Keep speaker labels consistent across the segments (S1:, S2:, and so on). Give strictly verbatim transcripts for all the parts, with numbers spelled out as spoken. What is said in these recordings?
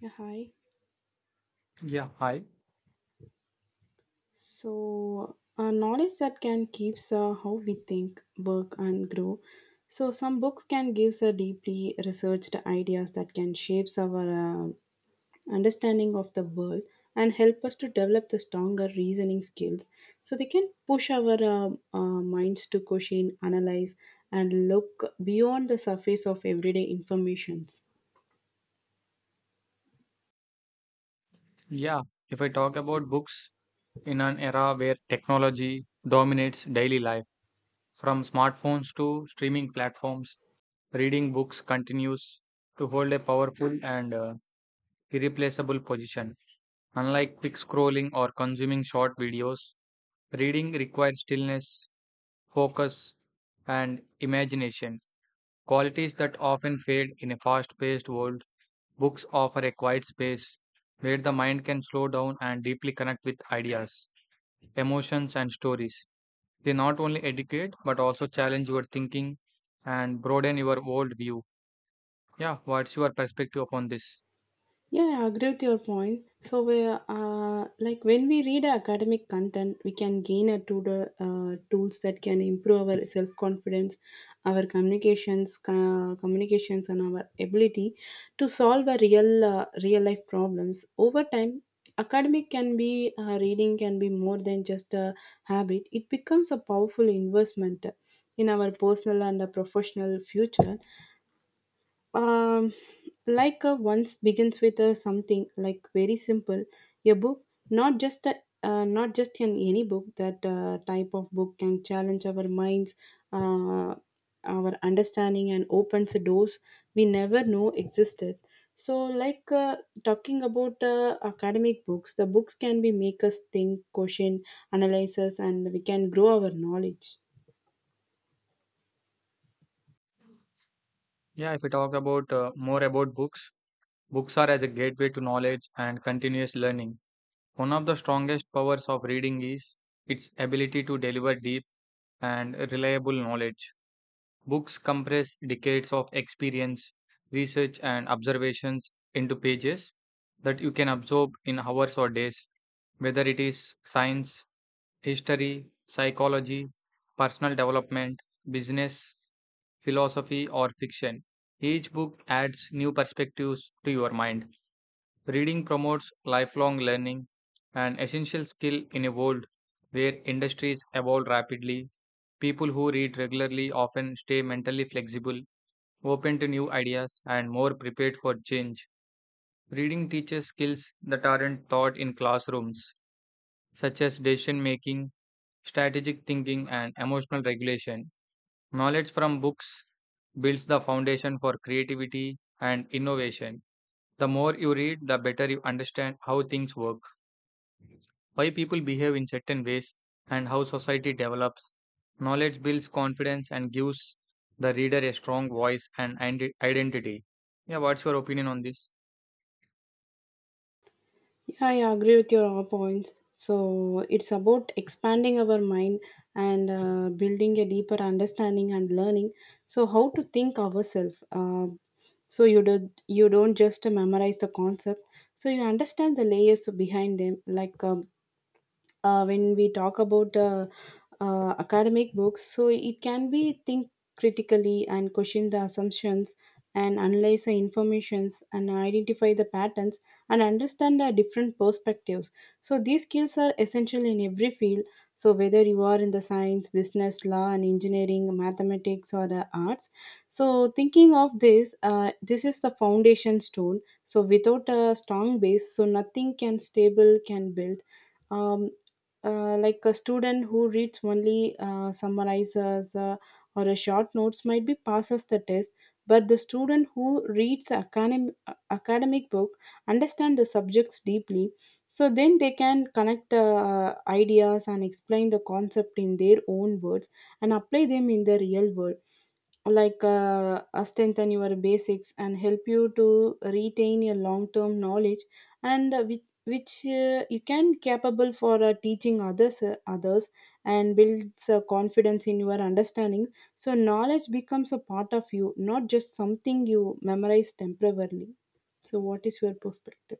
S1: Yeah, hi.
S2: Yeah, hi.
S1: So, uh, knowledge that can keeps uh, how we think, work, and grow. So, some books can give us deeply researched ideas that can shapes our uh, understanding of the world and help us to develop the stronger reasoning skills. So, they can push our uh, uh, minds to question, analyze, and look beyond the surface of everyday informations.
S2: Yeah, if I talk about books in an era where technology dominates daily life, from smartphones to streaming platforms, reading books continues to hold a powerful and uh, irreplaceable position. Unlike quick scrolling or consuming short videos, reading requires stillness, focus, and imagination, qualities that often fade in a fast-paced world. Books offer a quiet space where the mind can slow down and deeply connect with ideas, emotions, and stories. They not only educate but also challenge your thinking and broaden your world view. Yeah, what's your perspective upon this?
S1: Yeah, I agree with your point. So we uh, like when we read academic content, we can gain a to the uh, tools that can improve our self confidence, our communications, uh, communications, and our ability to solve a real uh, real life problems. Over time, academic can be uh, reading can be more than just a habit. It becomes a powerful investment in our personal and uh, professional future um, like a once begins with a something like very simple a book not just a uh, not just in any book that uh, type of book can challenge our minds uh, our understanding and opens doors we never know existed so like uh, talking about uh, academic books, the books can be make us think, question, analyze us, and we can grow our knowledge.
S2: Yeah, if we talk about uh, more about books, books are as a gateway to knowledge and continuous learning. One of the strongest powers of reading is its ability to deliver deep and reliable knowledge. Books compress decades of experience, research, and observations into pages that you can absorb in hours or days, whether it is science, history, psychology, personal development, business, philosophy, or fiction. Each book adds new perspectives to your mind. Reading promotes lifelong learning, an essential skill in a world where industries evolve rapidly. People who read regularly often stay mentally flexible, open to new ideas, and more prepared for change. Reading teaches skills that aren't taught in classrooms, such as decision making, strategic thinking, and emotional regulation. Knowledge from books builds the foundation for creativity and innovation. The more you read, the better you understand how things work, why people behave in certain ways, and how society develops. Knowledge builds confidence and gives the reader a strong voice and ide- identity. Yeah, what's your opinion on this?
S1: Yeah, yeah, I agree with your all points. So it's about expanding our mind and uh, building a deeper understanding and learning. So how to think ourselves. Uh, so you do you don't just memorize the concept. So you understand the layers behind them. Like um, uh, when we talk about the uh, academic books, so it can be think critically and question the assumptions and analyze the informations and identify the patterns and understand the different perspectives. So these skills are essential in every field. So whether you are in the science, business, law, and engineering, mathematics, or the arts, so thinking of this, uh, this is the foundation stone. So without a strong base, so nothing can stable can build. Um, uh, like a student who reads only uh, summarizes uh, or a short notes might be passes the test, but the student who reads academic, academic book understand the subjects deeply, so then they can connect uh, ideas and explain the concept in their own words and apply them in the real world, like uh, uh, strengthen your basics and help you to retain your long term knowledge and uh, which, which uh, you can capable for uh, teaching others uh, others and builds uh, confidence in your understanding. So knowledge becomes a part of you, not just something you memorize temporarily. So what is your perspective?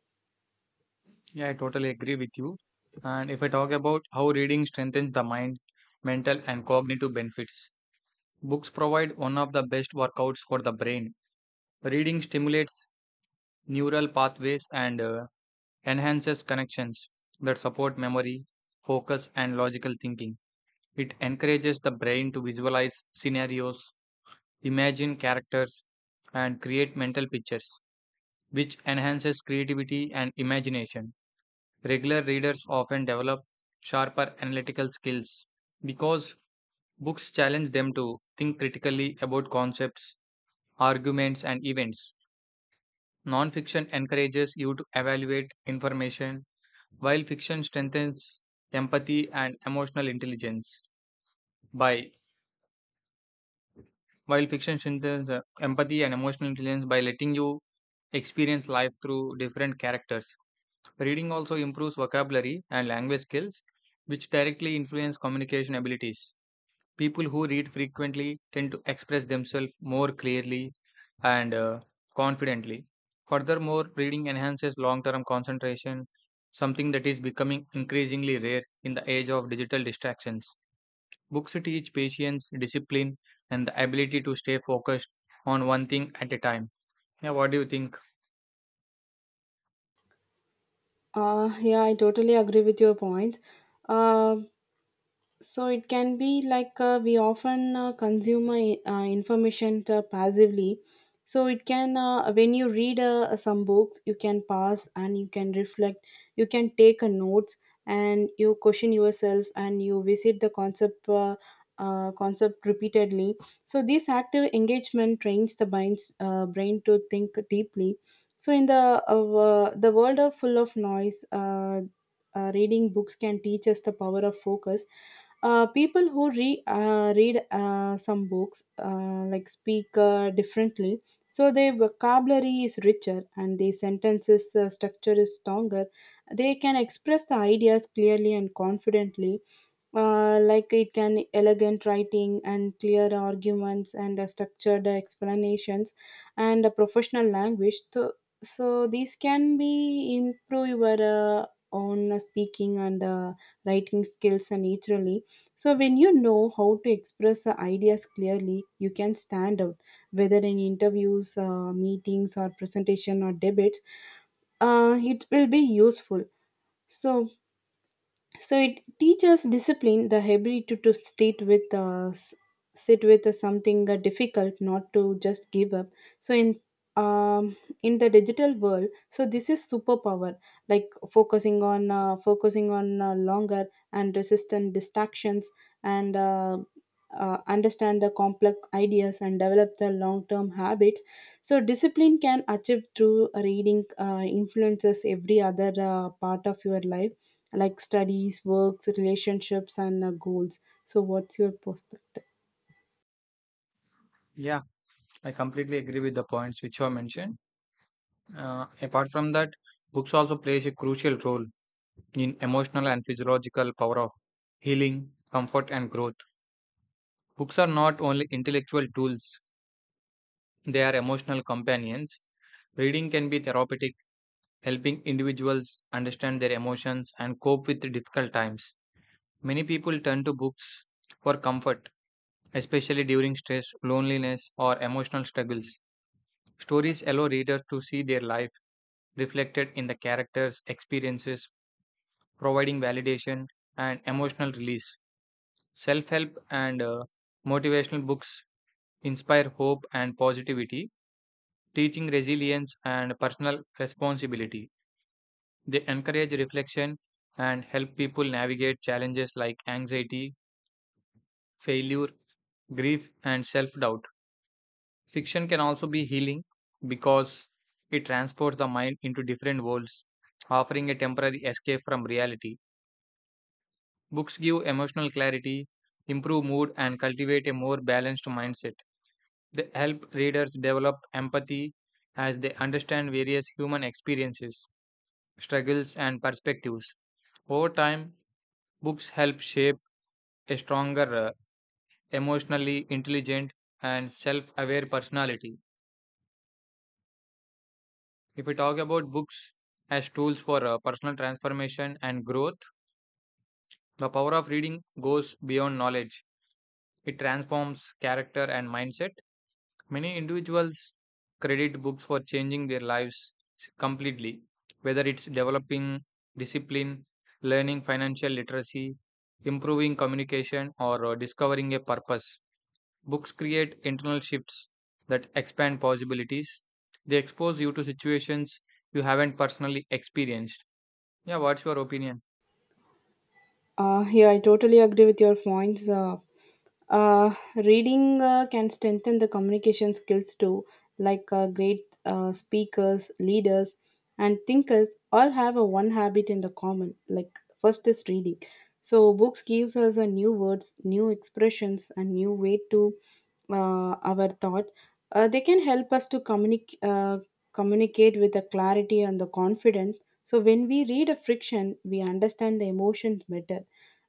S2: Yeah, I totally agree with you. And if I talk about how reading strengthens the mind, mental, and cognitive benefits, books provide one of the best workouts for the brain. Reading stimulates neural pathways and uh, enhances connections that support memory, focus, and logical thinking. It encourages the brain to visualize scenarios, imagine characters, and create mental pictures, which enhances creativity and imagination. Regular readers often develop sharper analytical skills because books challenge them to think critically about concepts, arguments, and events. Nonfiction encourages you to evaluate information, while fiction strengthens empathy and emotional intelligence. By While fiction strengthens uh, empathy and emotional intelligence by letting you experience life through different characters. Reading also improves vocabulary and language skills, which directly influence communication abilities. People who read frequently tend to express themselves more clearly and uh, confidently. Furthermore, reading enhances long term concentration, something that is becoming increasingly rare in the age of digital distractions. Books teach patience, discipline, and the ability to stay focused on one thing at a time. Yeah, what do you think?
S1: Uh, yeah, I totally agree with your points. Um So it can be like uh, we often uh, consume uh, uh, information uh, passively. So it can uh, when you read uh, some books, you can pause and you can reflect. You can take a notes and you question yourself and you visit the concept. Uh, uh, concept repeatedly, so this active engagement trains the brain's uh, brain to think deeply. So in the uh, the world of full of noise, uh, uh, reading books can teach us the power of focus. Uh, people who re, uh, read uh, some books uh, like speak uh, differently, so their vocabulary is richer and their sentences uh, structure is stronger. They can express the ideas clearly and confidently, uh, like it can elegant writing and clear arguments and uh, structured explanations and a professional language. So, so these can be improve your uh, own speaking and uh, writing skills and naturally. So when you know how to express uh, ideas clearly, you can stand out whether in interviews, uh, meetings or presentation or debates. Uh, it will be useful. So so it teaches discipline, the ability to sit with uh, s- sit with uh, something uh, difficult, not to just give up. So in um, in the digital world, so this is superpower, like focusing on uh, focusing on uh, longer and resistant distractions, and uh, uh, understand the complex ideas and develop the long term habits. So discipline can achieve through reading uh, influences every other uh, part of your life, like studies, works, relationships, and uh, goals. So, what's your perspective?
S2: Yeah, I completely agree with the points which you mentioned. Uh, apart from that, books also plays a crucial role in emotional and physiological power of healing, comfort, and growth. Books are not only intellectual tools; they are emotional companions. Reading can be therapeutic, helping individuals understand their emotions and cope with difficult times. Many people turn to books for comfort, especially during stress, loneliness, or emotional struggles. Stories allow readers to see their life reflected in the characters' experiences, providing validation and emotional release. Self help and uh, motivational books inspire hope and positivity, teaching resilience and personal responsibility. They encourage reflection and help people navigate challenges like anxiety, failure, grief, and self doubt. Fiction can also be healing because it transports the mind into different worlds, offering a temporary escape from reality. Books give emotional clarity, improve mood, and cultivate a more balanced mindset. They help readers develop empathy as they understand various human experiences, struggles, and perspectives. Over time, books help shape a stronger, uh, emotionally intelligent, and self aware personality. If we talk about books as tools for uh, personal transformation and growth, the power of reading goes beyond knowledge. It transforms character and mindset. Many individuals credit books for changing their lives s- completely, whether it's developing discipline, learning financial literacy, improving communication, or uh, discovering a purpose. Books create internal shifts that expand possibilities. They expose you to situations you haven't personally experienced. Yeah, what's your opinion?
S1: Uh, yeah, I totally agree with your points. Uh, uh, reading uh, can strengthen the communication skills too, like uh, great uh, speakers, leaders, and thinkers all have a one habit in the common. Like first is reading. So books gives us a new words, new expressions, and new way to uh, our thought. Uh, they can help us to communicate uh, communicate with the clarity and the confidence. So when we read a friction, we understand the emotions better.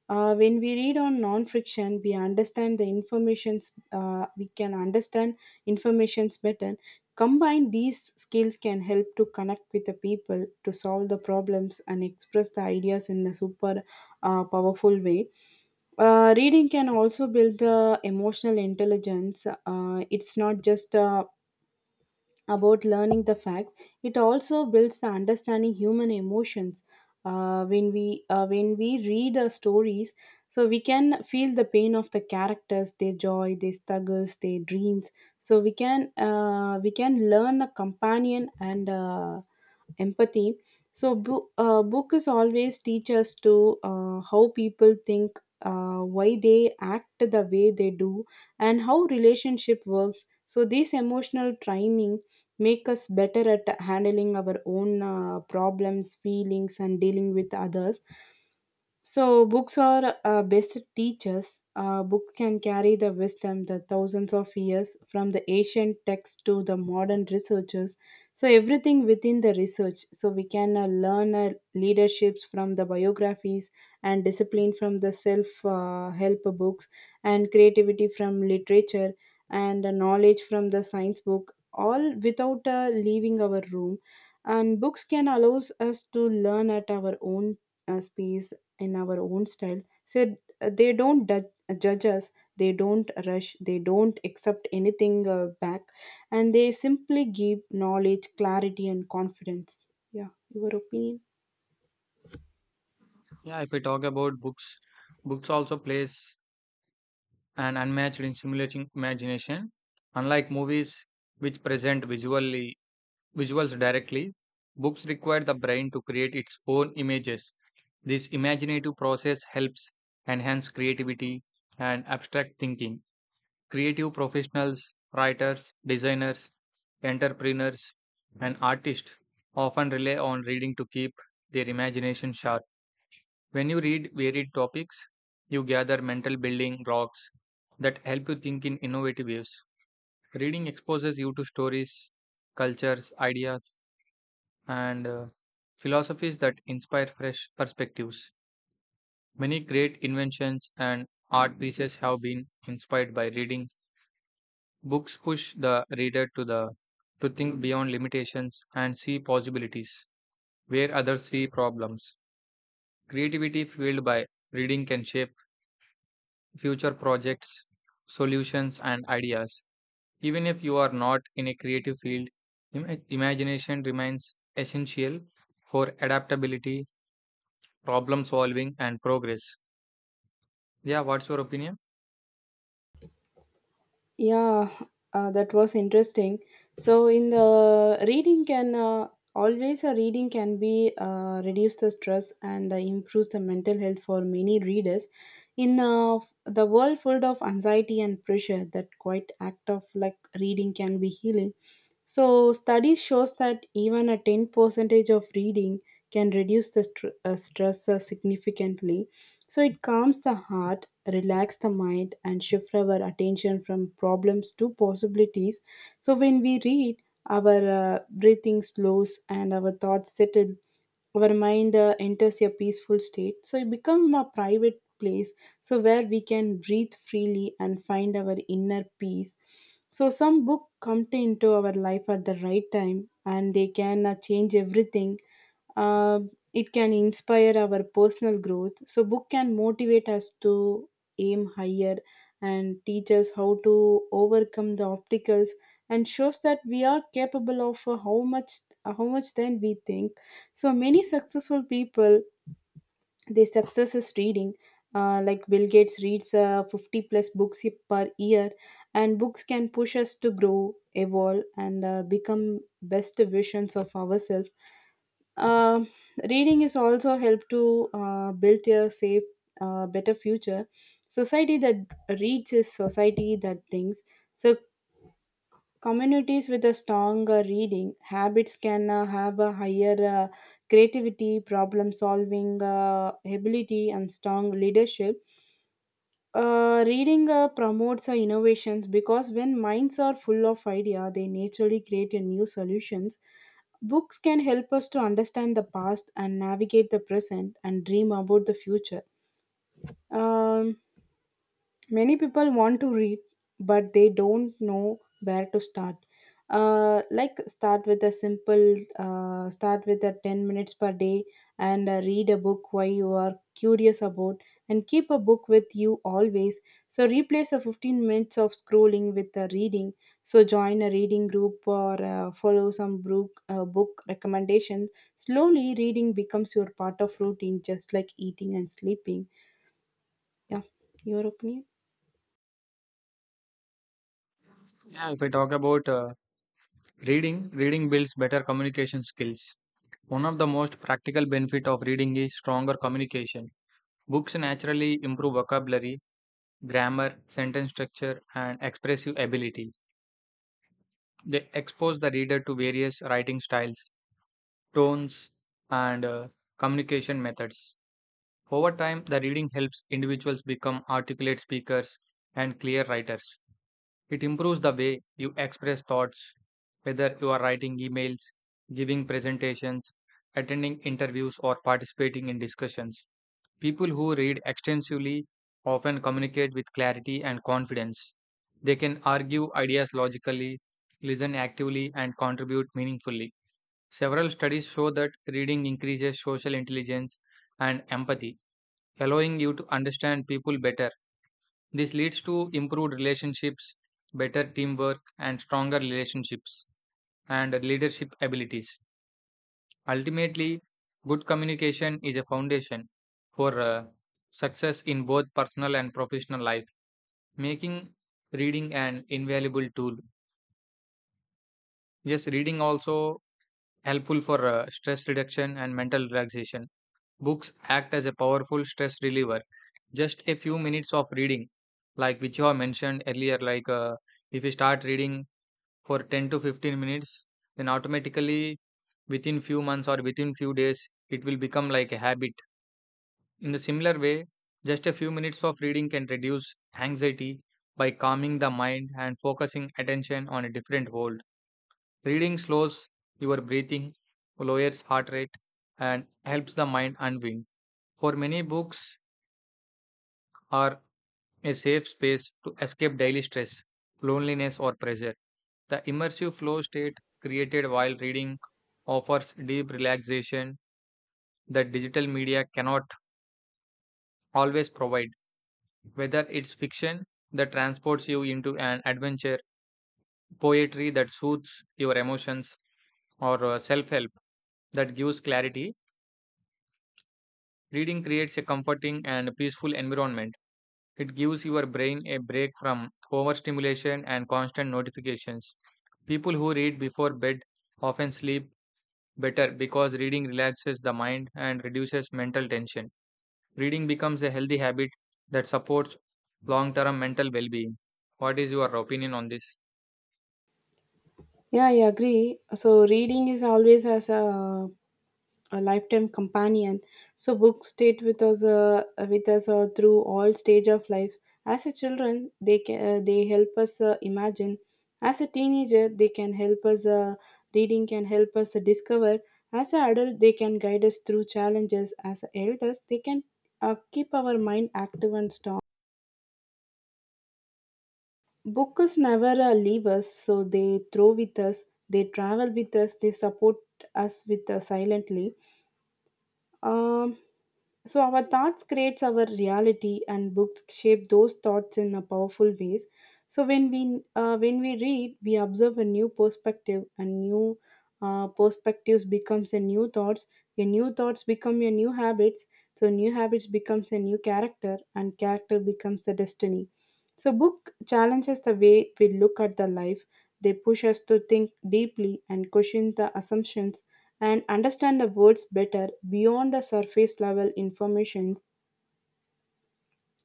S1: Uh, when we read on non-friction, we understand the informations. Uh, we can understand informations better. Combine these skills can help to connect with the people to solve the problems and express the ideas in a super uh, powerful way. Uh, reading can also build uh, emotional intelligence. Uh, it's not just uh, about learning the facts, it also builds the understanding human emotions. Uh, when we uh, when we read the stories, so we can feel the pain of the characters, their joy, their struggles, their dreams. So we can uh, we can learn a companion and uh, empathy. So bo- uh, book is always teach us to uh, how people think, uh, why they act the way they do and how relationship works. So this emotional training make us better at handling our own uh, problems, feelings, and dealing with others. So books are uh, best teachers. A book can carry the wisdom the thousands of years from the ancient text to the modern researchers. So everything within the research. So we can uh, learn uh, leaderships from the biographies, and discipline from the self uh, help books, and creativity from literature, and uh, knowledge from the science book. All without uh, leaving our room. And books can allows us to learn at our own uh, space in our own style. So uh, they don't du- judge us, they don't rush, they don't accept anything uh, back, and they simply give knowledge, clarity, and confidence. Yeah, your opinion?
S2: Yeah, if we talk about books, books also plays an unmatched in simulating imagination. Unlike movies, which present visually visuals directly, books require the brain to create its own images. This imaginative process helps enhance creativity and abstract thinking. Creative professionals, writers, designers, entrepreneurs, and artists often rely on reading to keep their imagination sharp. When you read varied topics, you gather mental building blocks that help you think in innovative ways. Reading exposes you to stories, cultures, ideas, and uh, philosophies that inspire fresh perspectives. Many great inventions and art pieces have been inspired by reading. Books push the reader to the to think beyond limitations and see possibilities where others see problems. Creativity fueled by reading can shape future projects, solutions, and ideas. Even if you are not in a creative field, im- imagination remains essential for adaptability, problem solving, and progress. Yeah, what's your opinion?
S1: Yeah, uh, that was interesting. So in the reading can uh, always a reading can be uh, reduce the stress and uh, improves the mental health for many readers. In uh, the world full of anxiety and pressure, that quite act of like reading can be healing. So studies shows that even a ten percentage of reading can reduce the str- uh, stress uh, significantly. So it calms the heart, relax the mind, and shift our attention from problems to possibilities. So when we read, our uh, breathing slows and our thoughts settle. Our mind uh, enters a peaceful state. So it becomes a private place, so where we can breathe freely and find our inner peace. So some book come to into our life at the right time, and they can uh, change everything. uh, it can inspire our personal growth. So book can motivate us to aim higher and teach us how to overcome the obstacles and shows that we are capable of uh, how much how much than we think. So many successful people, their success is reading, uh, like Bill Gates reads uh, fifty plus books he- per year. And books can push us to grow, evolve, and uh, become best versions of ourselves. um Reading is also help to uh, build a safe, uh, better future. Society that reads is society that thinks. So communities with a strong uh, reading habits can uh, have a higher uh, creativity, problem solving uh, ability, and strong leadership. Uh, reading uh, promotes uh, innovations, because when minds are full of idea, they naturally create a new solutions. Books can help us to understand the past and navigate the present and dream about the future. Um, Many people want to read, but they don't know where to start. Uh, like start with a simple uh, start with a ten minutes per day and uh, read a book why you are curious about, and keep a book with you always. So replace the fifteen minutes of scrolling with a reading. So join a reading group or uh, follow some book, uh, book recommendations. Slowly reading becomes your part of routine, just like eating and sleeping. Yeah, your opinion?
S2: Yeah, if I talk about uh, reading, reading builds better communication skills. One of the most practical benefit of reading is stronger communication. Books naturally improve vocabulary, grammar, sentence structure, and expressive ability. They expose the reader to various writing styles, tones, and uh, communication methods. Over time, the reading helps individuals become articulate speakers and clear writers. It improves the way you express thoughts, whether you are writing emails, giving presentations, attending interviews, or participating in discussions. People who read extensively often communicate with clarity and confidence. They can argue ideas logically, listen actively, and contribute meaningfully. Several studies show that reading increases social intelligence and empathy, allowing you to understand people better. This leads to improved relationships, better teamwork, and stronger relationships and leadership abilities. Ultimately, good communication is a foundation for uh, success in both personal and professional life, making reading an invaluable tool. Yes, reading also helpful for uh, stress reduction and mental relaxation. Books act as a powerful stress reliever. Just a few minutes of reading, like which you have mentioned earlier, like uh, if you start reading for ten to fifteen minutes, then automatically within few months or within few days, it will become like a habit. In the similar way, just a few minutes of reading can reduce anxiety by calming the mind and focusing attention on a different world. Reading slows your breathing, lowers heart rate, and helps the mind unwind. For many, books are a safe space to escape daily stress, loneliness, or pressure. The immersive flow state created while reading offers deep relaxation that digital media cannot always provide, whether it's fiction that transports you into an adventure, poetry that soothes your emotions, or self help that gives clarity. Reading creates a comforting and peaceful environment. It gives your brain a break from overstimulation and constant notifications. People who read before bed often sleep better because reading relaxes the mind and reduces mental tension. Reading becomes a healthy habit that supports long term mental well being. What is your opinion on this?
S1: Yeah, I agree. So reading is always as a, a lifetime companion. So books stayed with us, uh, with us uh, through all stage of life. As a children, they can, uh, they help us uh, imagine. As a teenager, they can help us. Uh, reading can help us uh, discover. As an adult, they can guide us through challenges. As elders, they can uh, keep our mind active and strong. Books never uh, leave us, so they throw with us, they travel with us, they support us with uh, silently. Um, so our thoughts creates our reality, and books shape those thoughts in a powerful ways. So when we uh, when we read, we observe a new perspective, and new uh, perspectives becomes a new thoughts. Your new thoughts become your new habits. So new habits becomes a new character, and character becomes the destiny. So book challenges the way we look at the life. They push us to think deeply and question the assumptions and understand the words better beyond the surface level information.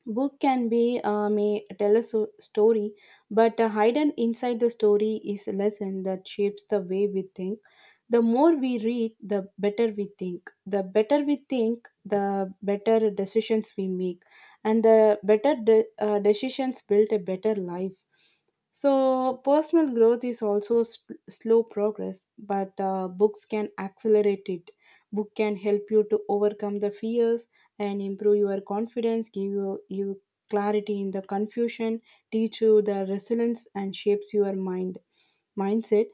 S1: Book can be uh, may tell a so- story, but uh, hidden inside the story is a lesson that shapes the way we think the more we read, the better we think. The better we think, the better decisions we make. And the better de- uh, decisions build a better life. So personal growth is also s slow progress, but uh, books can accelerate it. Book can help you to overcome the fears and improve your confidence, give you, you clarity in the confusion, teach you the resilience, and shapes your mind mindset.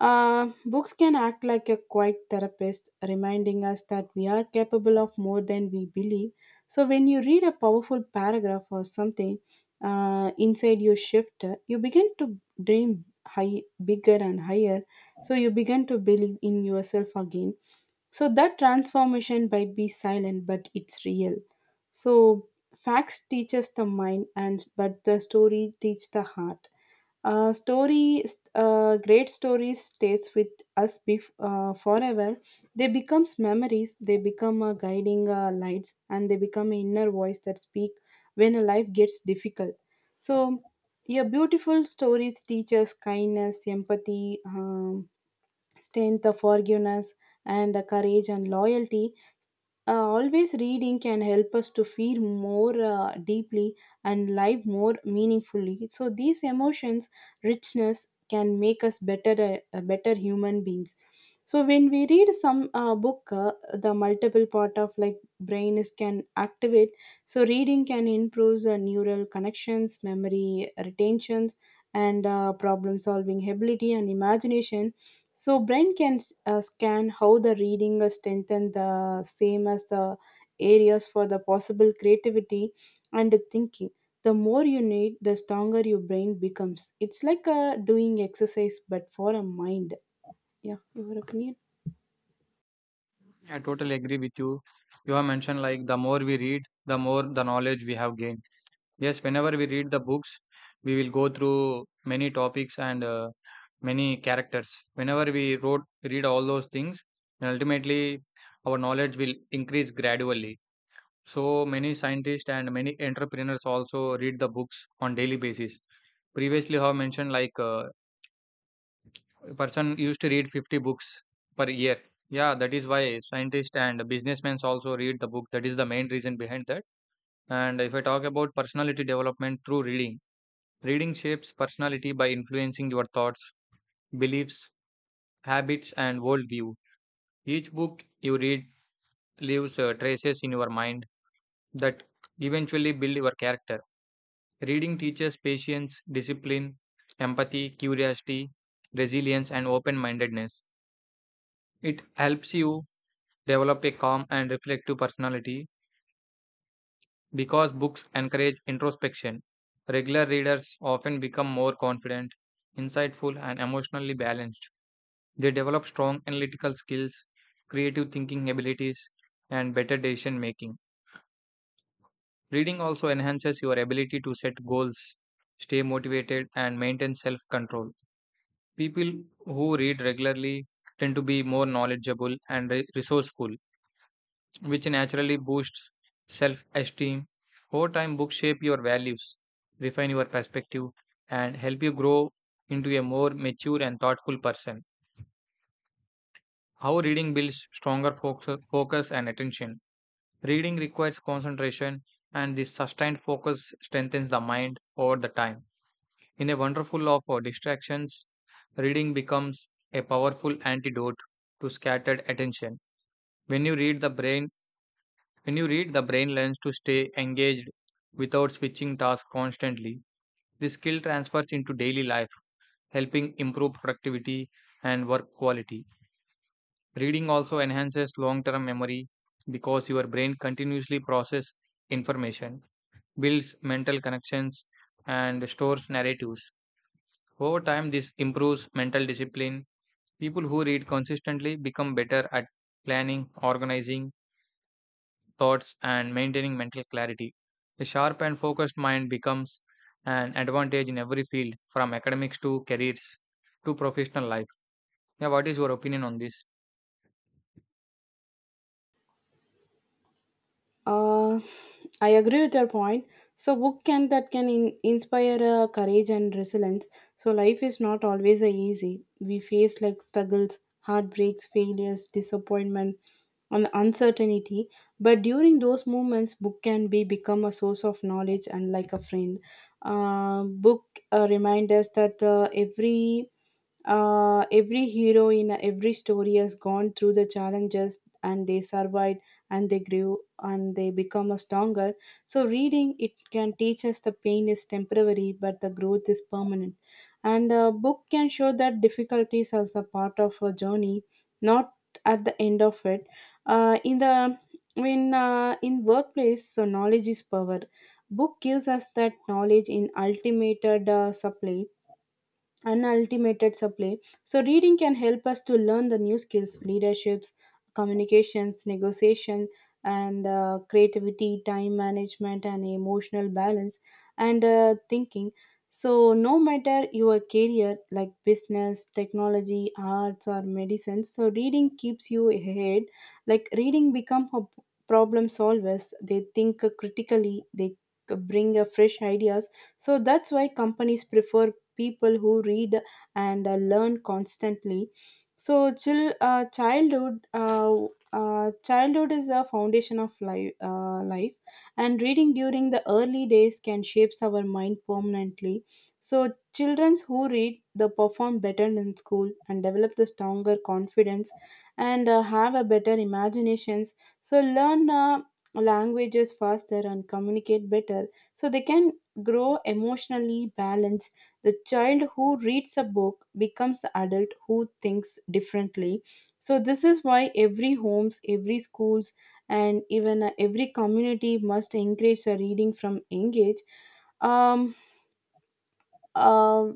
S1: uh, Books can act like a quiet therapist, reminding us that we are capable of more than we believe. So when you read a powerful paragraph or something uh, inside your shift, you begin to dream high, bigger and higher. So you begin to believe in yourself again. So that transformation might be silent, but it's real. So facts teaches the mind, and but the story teach the heart. Uh, story, uh, Great stories stays with us bef- uh, forever. They becomes memories. They become uh, guiding uh, lights, and they become an inner voice that speak when a life gets difficult. So, yeah, beautiful stories teach us kindness, empathy, um, strength, the forgiveness, and the courage and loyalty. Uh, always reading can help us to feel more uh, deeply and live more meaningfully. So these emotions, richness, can make us better, uh, uh, better human beings. So when we read some uh, book, uh, the multiple part of like brain is can activate. So reading can improve the neural connections, memory retentions, and uh, problem solving ability and imagination so brain can s- uh, scan how the reading uh, strengthen the same as the areas for the possible creativity and the thinking. The more you need, the stronger your brain becomes. It's like uh, doing exercise but for a mind. Yeah, your opinion.
S2: I totally agree with you. You have mentioned like the more we read, the more the knowledge we have gained. Yes, whenever we read the books, we will go through many topics and uh, many characters. Whenever we wrote, read all those things, and ultimately our knowledge will increase gradually. So many scientists and many entrepreneurs also read the books on daily basis. Previously, I have mentioned like uh, a person used to read fifty books per year. Yeah, that is why scientists and businessmen also read the book. That is the main reason behind that. And if I talk about personality development through reading, reading shapes personality by influencing your thoughts, beliefs, habits, and worldview. Each book you read leaves uh, traces in your mind that eventually build your character. Reading teaches patience, discipline, empathy, curiosity, resilience, and open mindedness. It helps you develop a calm and reflective personality because books encourage introspection. Regular readers often become more confident, insightful, and emotionally balanced. They develop strong analytical skills, creative thinking abilities, and better decision making. Reading also enhances your ability to set goals, stay motivated, and maintain self control. People who read regularly tend to be more knowledgeable and re- resourceful, which naturally boosts self esteem. Over time, books shape your values, refine your perspective, and help you grow into a more mature and thoughtful person. How reading builds stronger focus, focus and attention. Reading requires concentration, and this sustained focus strengthens the mind over the time. In a wonderful of uh, distractions, reading becomes a powerful antidote to scattered attention. When you read the brain, when you read, the brain learns to stay engaged without switching tasks constantly. This skill transfers into daily life, helping improve productivity and work quality. Reading also enhances long-term memory because your brain continuously processes information, builds mental connections, and stores narratives. Over time, this improves mental discipline. People who read consistently become better at planning, organizing thoughts, and maintaining mental clarity. A sharp and focused mind becomes an advantage in every field, from academics to careers to professional life. Yeah, what is your opinion on this?
S1: Uh, I agree with your point. So book can that can in, inspire uh, courage and resilience. So life is not always uh, easy. We face like struggles, heartbreaks, failures, disappointment on the uncertainty, but during those moments book can be become a source of knowledge and like a friend. Uh, book uh, Remind us that uh, every uh, every hero in every story has gone through the challenges and they survived and they grew and they become a stronger. So reading it can teach us the pain is temporary but the growth is permanent, and a book can show that difficulties as a part of a journey, not at the end of it. Uh, in the in uh, In workplace so knowledge is power. Book gives us that knowledge in ultimated uh, supply, unaltimated supply. So reading can help us to learn the new skills, leaderships, communications, negotiation, and uh, creativity, time management, and emotional balance and uh, thinking. So no matter your career like business, technology, arts, or medicine, so reading keeps you ahead. Like, reading become a problem solvers, they think critically, they bring a fresh ideas, so that's why companies prefer people who read and uh, learn constantly. So chill uh, childhood uh, uh, childhood is the foundation of life, uh, life, and reading during the early days can shapes our mind permanently. So children who read they perform better in school and develop the stronger confidence, and uh, have a better imaginations. So learn uh, languages faster and communicate better, so they can grow emotionally balanced. The child who reads a book becomes the adult who thinks differently. So this is why every homes every schools and even uh, every community must encourage the reading from engage. um, uh,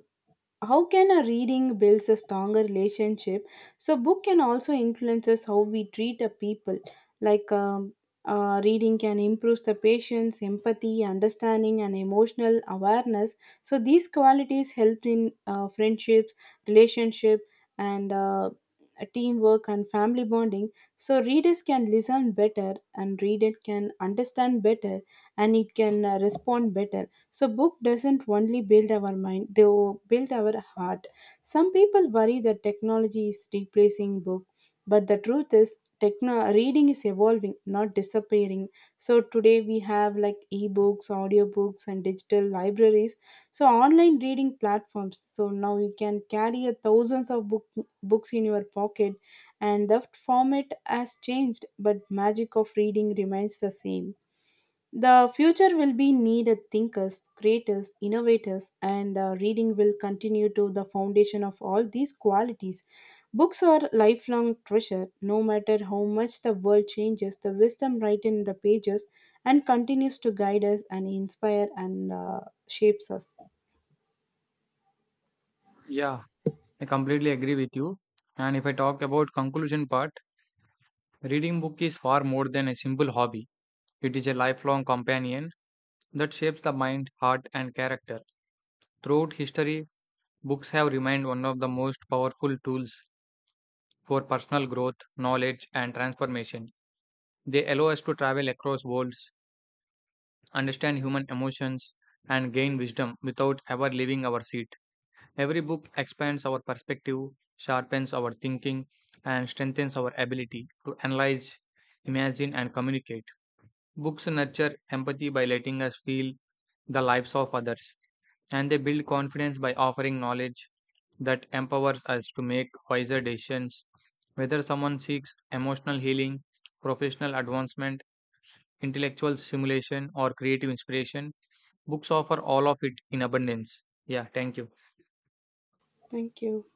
S1: how can a reading builds a stronger relationship? So book can also influences how we treat a people, like um, uh, reading can improve the patience empathy understanding and emotional awareness. So these qualities help in uh, friendships, relationship, and uh, teamwork and family bonding. So readers can listen better and reader can understand better, and it can uh, respond better. So book doesn't only build our mind, they will build our heart. Some people worry that technology is replacing book, but the truth is techno- reading is evolving, not disappearing. So today we have like ebooks, audiobooks and digital libraries, so online reading platforms. So now you can carry a thousands of book, books in your pocket, and the format has changed, but magic of reading remains the same. The future will be needed thinkers, creators, innovators, and uh, reading will continue to the foundation of all these qualities. Books are lifelong treasure. No matter how much the world changes, the wisdom written in the pages and continues to guide us and inspire and uh, shapes us.
S2: Yeah, I completely agree with you. And if I talk about conclusion part, reading book is far more than a simple hobby. It is a lifelong companion that shapes the mind, heart, and character. Throughout history, books have remained one of the most powerful tools for personal growth, knowledge, and transformation. They allow us to travel across worlds, understand human emotions, and gain wisdom without ever leaving our seat. Every book expands our perspective, sharpens our thinking, and strengthens our ability to analyze, imagine, and communicate. Books nurture empathy by letting us feel the lives of others, and they build confidence by offering knowledge that empowers us to make wiser decisions. Whether someone seeks emotional healing, professional advancement, intellectual stimulation, or creative inspiration, books offer all of it in abundance. Yeah, thank you.
S1: Thank you.